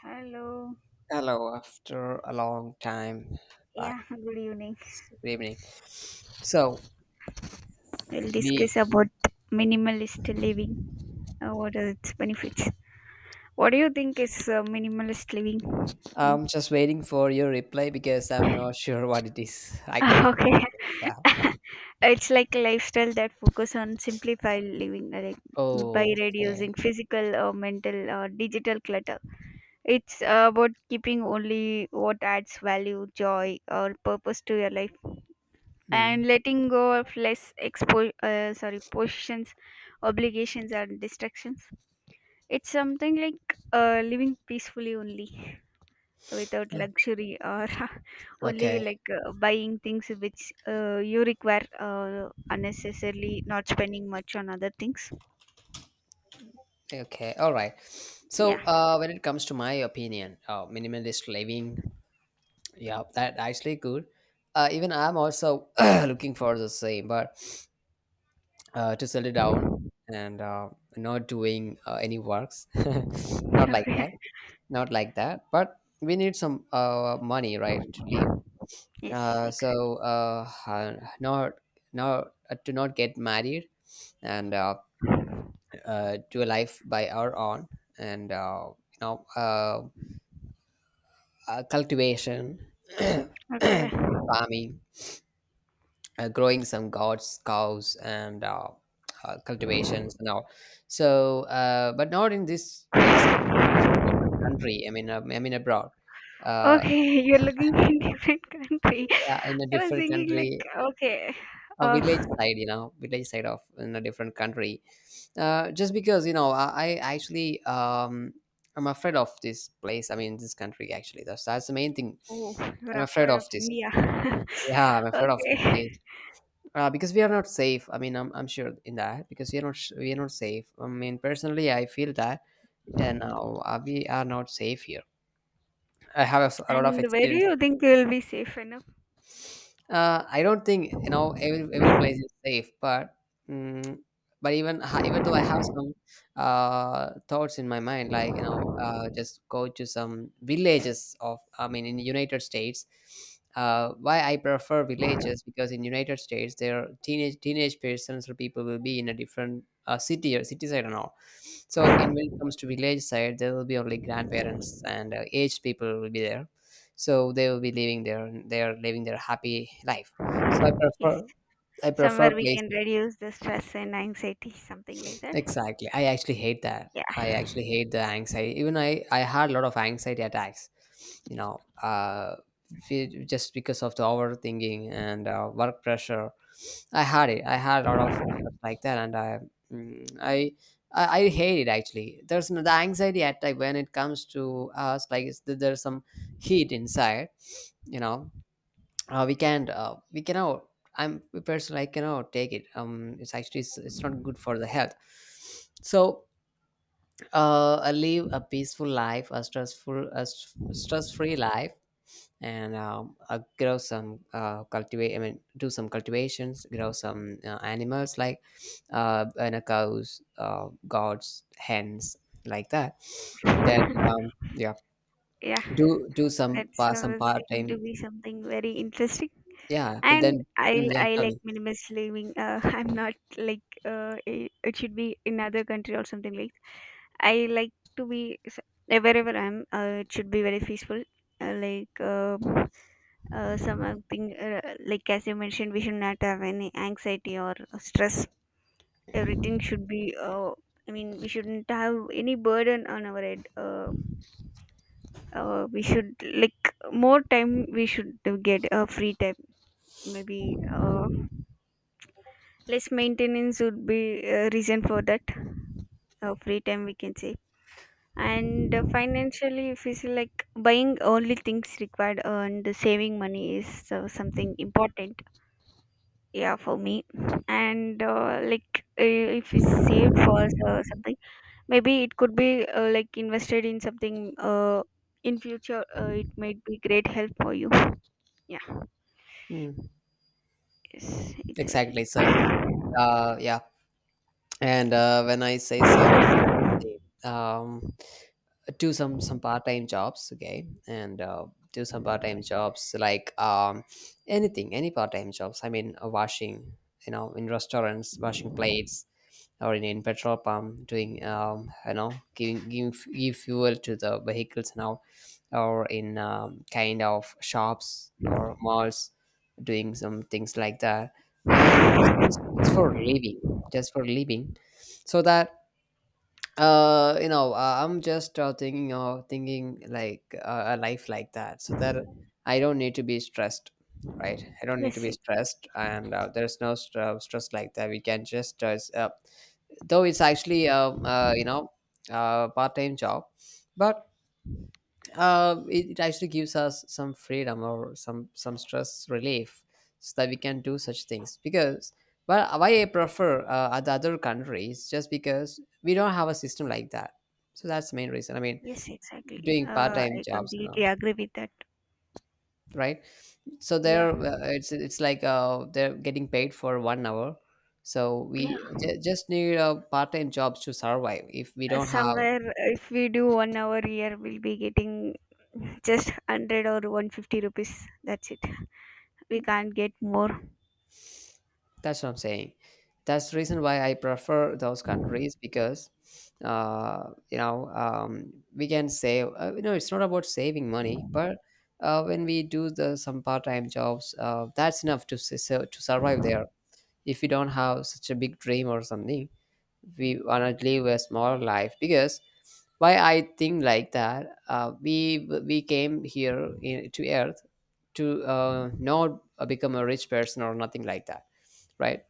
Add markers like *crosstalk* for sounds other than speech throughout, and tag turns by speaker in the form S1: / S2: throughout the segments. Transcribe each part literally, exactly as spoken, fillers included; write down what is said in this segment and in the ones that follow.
S1: Hello.
S2: Hello, after a long time back.
S1: Yeah, *laughs* good evening.
S2: Good evening. So
S1: We'll
S2: we,
S1: discuss about minimalist living. Uh, what are its benefits? What do you think is uh, minimalist living? Mean?
S2: I'm just waiting for your reply because I'm not *laughs* sure what it is. I, I
S1: *laughs* Okay.
S2: yeah.
S1: *laughs* It's like a lifestyle that focus on simplified living like by
S2: Oh, okay.
S1: reducing physical or mental or digital clutter. It's uh, about keeping only what adds value, joy, or purpose to your life
S2: Hmm.
S1: and letting go of less expo- uh, sorry positions, obligations and distractions. It's something like uh, living peacefully only, without
S2: Oh,
S1: luxury, or *laughs* only
S2: okay.
S1: like uh, buying things which uh, you require, uh, unnecessarily not spending much on other things.
S2: Okay. All right. So,
S1: Yeah.
S2: uh, when it comes to my opinion, uh, minimalist living, yeah, that actually good. Uh, even I'm also *clears throat* looking for the same, but uh, to settle down and uh, not doing uh, any works, *laughs*
S1: *laughs*
S2: not like that
S1: Okay.
S2: not like that, but we need some uh, money, right, to live.
S1: Yes,
S2: uh,
S1: exactly.
S2: so uh, uh, not not uh, to not get married and uh, uh, do a life by our own, and uh, you know uh, uh, cultivation, *coughs*
S1: Okay.
S2: *clears throat* farming, uh, growing some gods, cows and uh, uh, cultivations and all. So uh, but not in this place, in different different country, i mean uh, I mean abroad. uh,
S1: Okay, you're looking *laughs* in different country.
S2: yeah, in a
S1: I was
S2: different
S1: thinking
S2: country,
S1: like okay.
S2: a village
S1: uh,
S2: side, you know, village side of, in a different country. Uh, just because, you know, i, I actually um, I'm afraid of this place, I mean this country, actually that's that's the main thing.
S1: Oh, *laughs* you're
S2: I'm afraid
S1: afraid
S2: of
S1: of
S2: this,
S1: India. *laughs*
S2: yeah, I'm afraid of this
S1: Okay.
S2: place. Uh, because we are not safe, I mean i'm, I'm sure in that because we are not we are not safe, I mean personally I feel that. And uh, we are not safe here. I have a, s- a lot of
S1: And where do
S2: experiences.
S1: you think you'll be safe enough?
S2: Uh, I don't think, you know, every every place is safe, but mm but even ha- even though I have some uh, thoughts in my mind, like, you know, uh, just go to some villages of, I mean, in the United States. Uh, why I prefer villages, because in United States their teenage teenage persons or people will be in a different uh, city or city side and all. So in, when it comes to village side, there will be only grandparents and uh, aged people will be there, so they will be living their, they are living their happy life. So i
S1: Yes.
S2: prefer I prefer
S1: Somewhere we can
S2: places.
S1: reduce the stress and anxiety, something like that.
S2: Exactly, I actually hate that. I
S1: Yeah.
S2: actually hate the anxiety. Even i i had a lot of anxiety attacks, you know. Uh fe- just because of the overthinking and uh, work pressure. i had it I had a lot of stuff like that, and I mm, I I I hate it actually. There's no, the anxiety attack, when it comes to us, like it's, there's some heat inside, you know, uh, we can't uh, we cannot, I'm, personally I cannot take it. Um it's actually, it's, it's not good for the health. So uh I live a peaceful life, a stressful a stress free life. And um, uh, grow some, uh, cultivate I mean do some cultivations, grow some uh, animals like uh and a cows, uh, goats, hens, like that. Then, um,
S1: *laughs*
S2: yeah,
S1: Yeah.
S2: do do some
S1: That
S2: pa- some
S1: uh,
S2: part
S1: seemed to
S2: time
S1: be something very interesting.
S2: yeah, but then,
S1: And I
S2: mm, yeah,
S1: I
S2: tell me.
S1: like minimalist living. Uh, *laughs* I'm not like uh, i- it should be in other country or something like. I like to be s- uh, wherever I'm. Uh, it should be very peaceful. Uh, like uh, uh, Something uh, like as you mentioned, we should not have any anxiety or stress. Everything should be. Uh, I mean, we shouldn't have any burden on our head. Uh, uh, we should like more time. We should uh, get a free time. Maybe. Uh, less maintenance would be a reason for that, uh, free time we can say. And uh, financially if you see like buying only things required and saving money is uh, something important, yeah, for me. And uh, like uh, if it's saved for uh, something, maybe it could be uh, like invested in something, uh, in future uh, it might be great help for you. Yeah.
S2: Hmm.
S1: Yes, exactly.
S2: Exactly. So, uh, yeah. And uh, when I say so, same thing. Um, do some some part time jobs, okay, and uh, do some part time jobs, like, um, anything, any part time jobs. I mean, uh, washing, you know, in restaurants, washing plates, or in, in petrol pump, doing, um, you know, giving giving f- give fuel to the vehicles now, or in um, kind of shops or malls, doing some things like that. And just, just, just for living, just for living so that uh you know uh, I'm just uh, thinking of thinking like uh, a life like that, so that I don't need to be stressed. Right, I don't need to
S1: Yes.
S2: be stressed and uh, there's no st- uh, stress like that, we can just uh, s- uh, though it's actually um uh, you know, uh, part-time job, but uh, it, it actually gives us some freedom, or some some stress relief, so that we can do such things. Because, well, why I prefer uh, other other countries, just because we don't have a system like that. So that's the main reason, I mean,
S1: Yes, exactly.
S2: doing
S1: Uh,
S2: part-time
S1: I
S2: jobs and
S1: completely
S2: all.
S1: agree with that.
S2: Right, so
S1: Yeah.
S2: there uh, it's it's like, uh, they're getting paid for one hour. So
S1: Yeah.
S2: we j- just need uh, part-time jobs to survive, if we
S1: Uh,
S2: don't have.
S1: somewhere uh, if we do one hour here, we'll be getting just one hundred or one hundred fifty rupees. That's it. We can't get more.
S2: That's what I'm saying. That's the reason why I prefer those countries. Because, uh, you know, um, we can save. Uh, you know, it's not about saving money, but uh, when we do the some part-time jobs, uh, that's enough to su- su- to survive there. If we don't have such a big dream or something, we wanna live a smaller life. Because why I think like that, uh, we we came here in, to Earth, to uh, not become a rich person or nothing like that, right?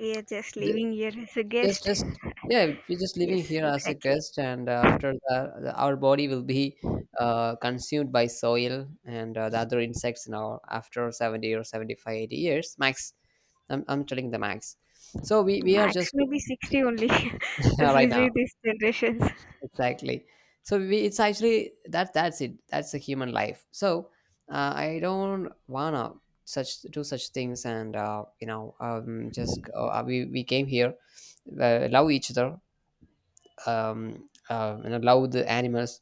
S1: We are just living here as a
S2: just
S1: guest.
S2: Just, yeah, we're just living
S1: Yes,
S2: here as a
S1: exactly.
S2: guest. And uh, after that, the- our body will be uh, consumed by soil and uh, the other insects, now after seventy or seventy-five, eighty years max. i'm, I'm telling the max. So we, we are
S1: Max
S2: just.
S1: maybe sixty only *laughs*
S2: *laughs*
S1: if
S2: Right
S1: we see
S2: now,
S1: these generations.
S2: exactly. So we, it's actually that that's it, that's the human life. So uh, I don't wanna such do such things. And uh, you know um, just, uh, we, we came here, uh, love each other. Um, uh, you know, love the animals,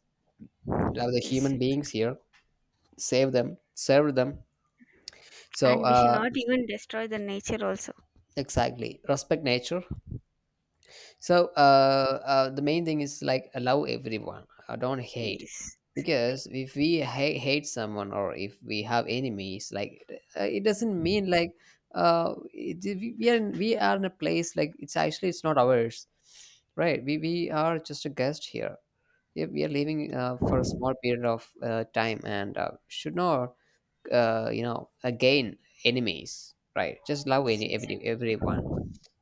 S2: love the
S1: Yes,
S2: human beings
S1: exactly.
S2: here, save them, serve them. So
S1: And we should
S2: uh,
S1: not even destroy the nature also.
S2: exactly, respect nature. So uh, uh, the main thing is, like, allow everyone, uh, don't hate.
S1: Yes, exactly.
S2: Because if we ha- hate someone, or if we have enemies, like uh, it doesn't mean like uh, it, we we are in we are in a place, like, it's actually it's not ours, right? We we are just a guest here. We we are leaving uh, for a small period of uh, time, and uh, should not, uh, you know again, enemies. Right, just love
S1: Yes,
S2: any every,
S1: exactly.
S2: everyone.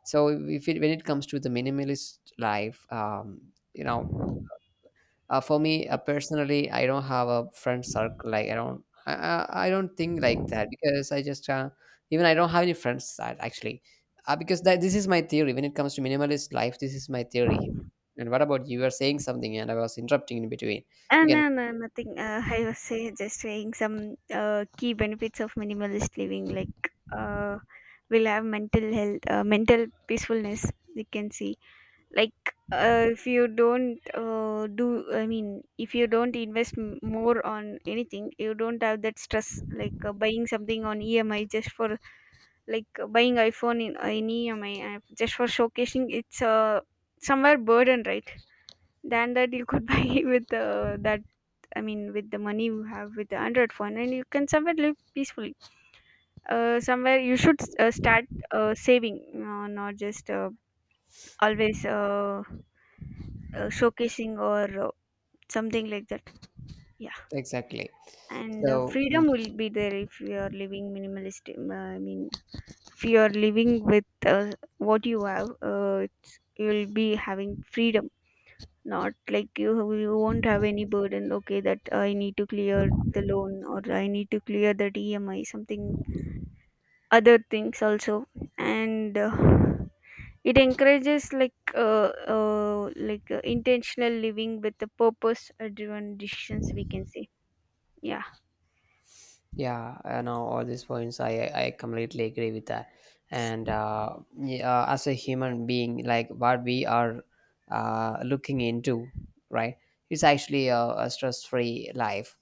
S2: So, if it, when it comes to the minimalist life, um you know uh, for me, uh,
S1: It's
S2: personally I don't have a friend circle, like, i don't i, I I don't think like that, because I just uh, even I don't have any friends, that actually uh, because that this is my theory, when it comes to minimalist life. This is my theory. And what about you? You were saying something, and I was interrupting in between.
S1: Uh,
S2: You
S1: no,
S2: can.
S1: no, nothing. Uh, I was say just saying some uh, key benefits of minimalist living. Like uh, we'll have mental health, uh, mental peacefulness. We can see like uh, if you don't uh, do, I mean, if you don't invest m- more on anything, you don't have that stress. Like uh, buying something on E M I just for like uh, buying iPhone in, uh, in E M I, uh, just for showcasing. It's uh, somewhere burden, right? Than that, you could *laughs* buy with uh, that. I mean, with the money you have with the Android phone, and you can somewhere live peacefully. Uh, somewhere you should uh, start, uh, saving, uh, not just uh, always uh, uh, showcasing or uh, something like that. Yeah,
S2: Exactly.
S1: and uh,
S2: So
S1: freedom
S2: mm,
S1: will be there if you are living minimalist. Um, I mean, if you are living with uh, what you have, uh, it's, you'll be having freedom. Not like you you won't have any burden, okay, that uh, I need to clear the loan or I need to clear that EMI something, other things also. And uh, it encourages like uh, uh, like uh, intentional living with the purpose driven decisions we can say. Yeah.
S2: yeah, I know all these points. I I completely agree with that. And uh, yeah, as a human being, like what we are uh, looking into, right? It's actually a, a stress-free life,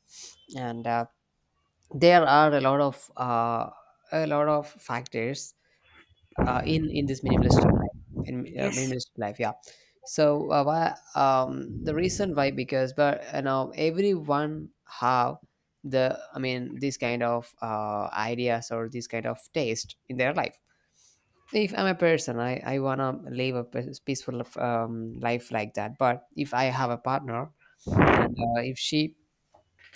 S2: and uh, there are a lot of uh, a lot of factors uh, in in this minimalistic life, in uh,
S1: Yes.
S2: minimalistic life yeah. So uh, why, um the reason why, because, but, you know, everyone have the, I mean, this kind of uh, ideas or this kind of taste in their life. If I'm a person, i I want to live a pe- peaceful um, life like that. But if I have a partner, and uh, if she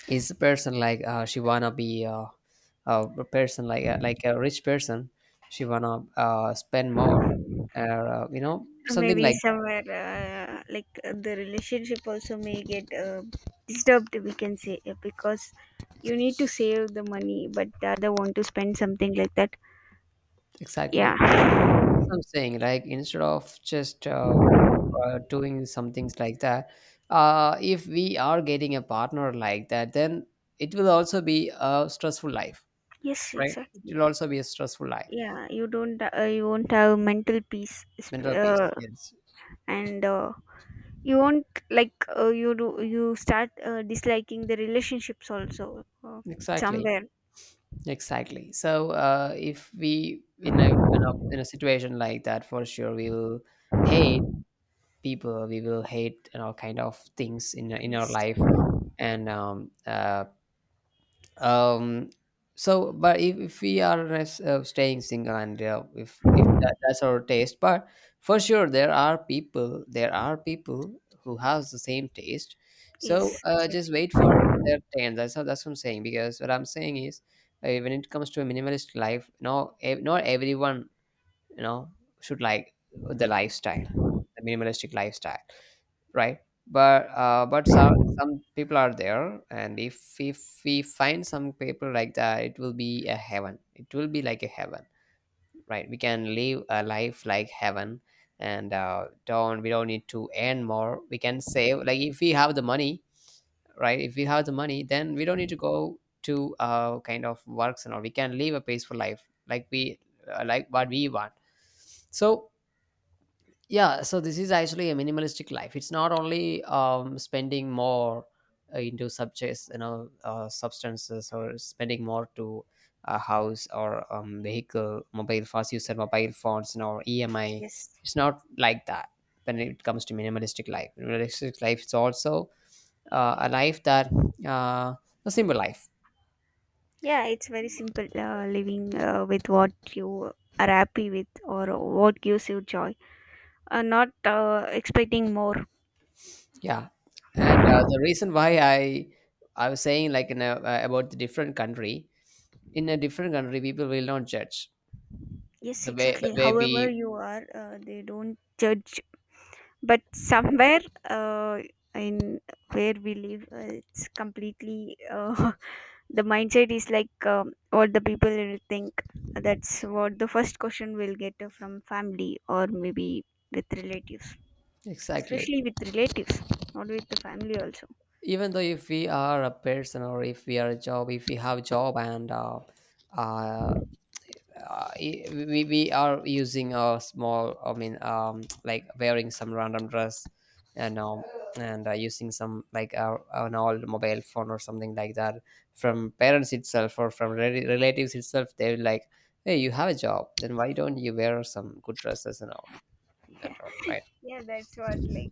S2: is a person like uh, she wanna be uh, uh, a person like a, like a rich person. She wanna uh, spend more, or uh, you know, something
S1: Maybe
S2: like that.
S1: somewhere uh, like uh, the relationship also may get uh, disturbed we can say, uh, because you need to save the money but the other want to spend something like that.
S2: Exactly,
S1: Yeah.
S2: that's what I'm saying, like instead of just uh, uh, doing some things like that. Uh, if we are getting a partner like that, then it will also be a stressful life.
S1: Yes,
S2: Right, it
S1: exactly.
S2: will also be a stressful life
S1: Yeah, you don't uh, you won't have mental peace sp-
S2: mental
S1: uh,
S2: peace, yes.
S1: and uh, you won't like uh, you do you start uh, disliking the relationships also, uh,
S2: Exactly.
S1: somewhere.
S2: exactly so uh, if we in a, in a in a situation like that, for sure we will hate people, we will hate, you know, kind of things in in our
S1: Yes.
S2: life. And um uh um so, but if, if we are res- uh, staying single, and uh, if if that, that's our taste, but for sure there are people, there are people who has the same taste. So
S1: Yes,
S2: uh, just
S1: exactly.
S2: wait for their turn. That's how that's what I'm saying. Because what I'm saying is, uh, when it comes to a minimalist life, no, ev- not everyone, you know, should like the lifestyle, the minimalistic lifestyle, right? But uh, but so, some people are there, and if if we find some people like that, it will be a heaven. It will be like a heaven, right? We can live a life like heaven. And uh, don't we don't need to earn more, we can save. Like, if we have the money, right? If we have the money, then we don't need to go to uh, kind of works and all. We can live a peaceful life, like we uh, like what we want. So, yeah, so this is actually a minimalistic life. It's not only um, spending more uh, into subjects, you know, uh, substances, or spending more to a house, or um, vehicle, mobile, fast user mobile phones, you know, or emi.
S1: Yes.
S2: It's not like that. When it comes to minimalistic life, minimalistic life is also uh, a life that uh, a simple life,
S1: Yeah, it's very simple uh, living uh, with what you are happy with or what gives you joy. Uh, not uh, expecting more.
S2: yeah. And uh, the reason why i I was saying like, in a, uh, about the different country, in a different country people will not judge
S1: Yes,
S2: the way the
S1: exactly.
S2: way
S1: However
S2: we.
S1: you are, uh, they don't judge, but somewhere uh, in where we live uh, it's completely uh, *laughs* the mindset is like um, what the people will think. That's what the first question we'll get uh, from family or maybe with relatives,
S2: Exactly.
S1: especially with relatives, not with the family also.
S2: Even though if we are a person, or if we are a job, if we have job, and uh, uh, uh, i- we, we are using a small, I mean, um, like wearing some random dress, and um and uh, using some, like, uh, an old mobile phone or something like that, from parents itself, or from rel- relatives itself, they're like, hey, you have a job, then why don't you wear some good dresses and all, and all right.
S1: Yeah, that's what like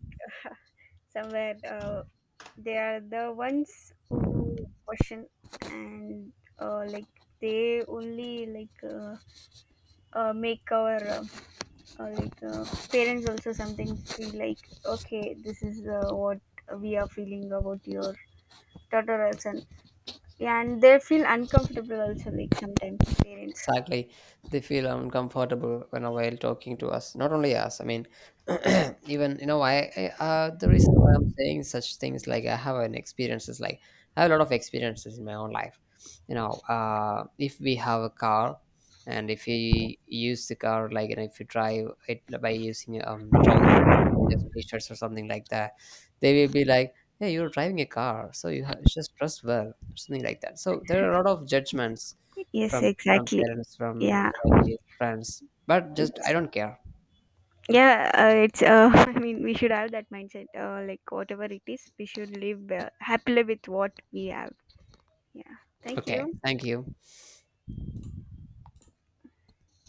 S1: somewhere uh, they are the ones who question. And uh, like they only like uh, uh, make our um, or like uh, parents also sometimes feel like okay this is uh, what we are feeling about your daughter or son. Yeah, and they feel uncomfortable also like sometimes parents.
S2: Exactly, they feel uncomfortable when, know, while talking to us. Not only us, I mean, *clears throat* even, you know, I, I uh, the reason why I'm saying such things, like, I have an experiences, like I have a lot of experiences in my own life. You know, uh, if we have a car, and if we use the car, like, and if you drive it by using um, trousers or just t shirts or something like that, they will be like, yeah, you're driving a car, so you have, just dress well, or something like that. So there are a lot of judgments
S1: Yes,
S2: from from
S1: exactly.
S2: parents, from
S1: Yeah,
S2: relatives, friends, but just I
S1: it's
S2: don't care.
S1: yeah uh, it's uh, *laughs* I mean we should have that mindset uh, like whatever it is we should live uh, happily with what we have. Yeah. Thank
S2: Okay,
S1: you.
S2: thank you.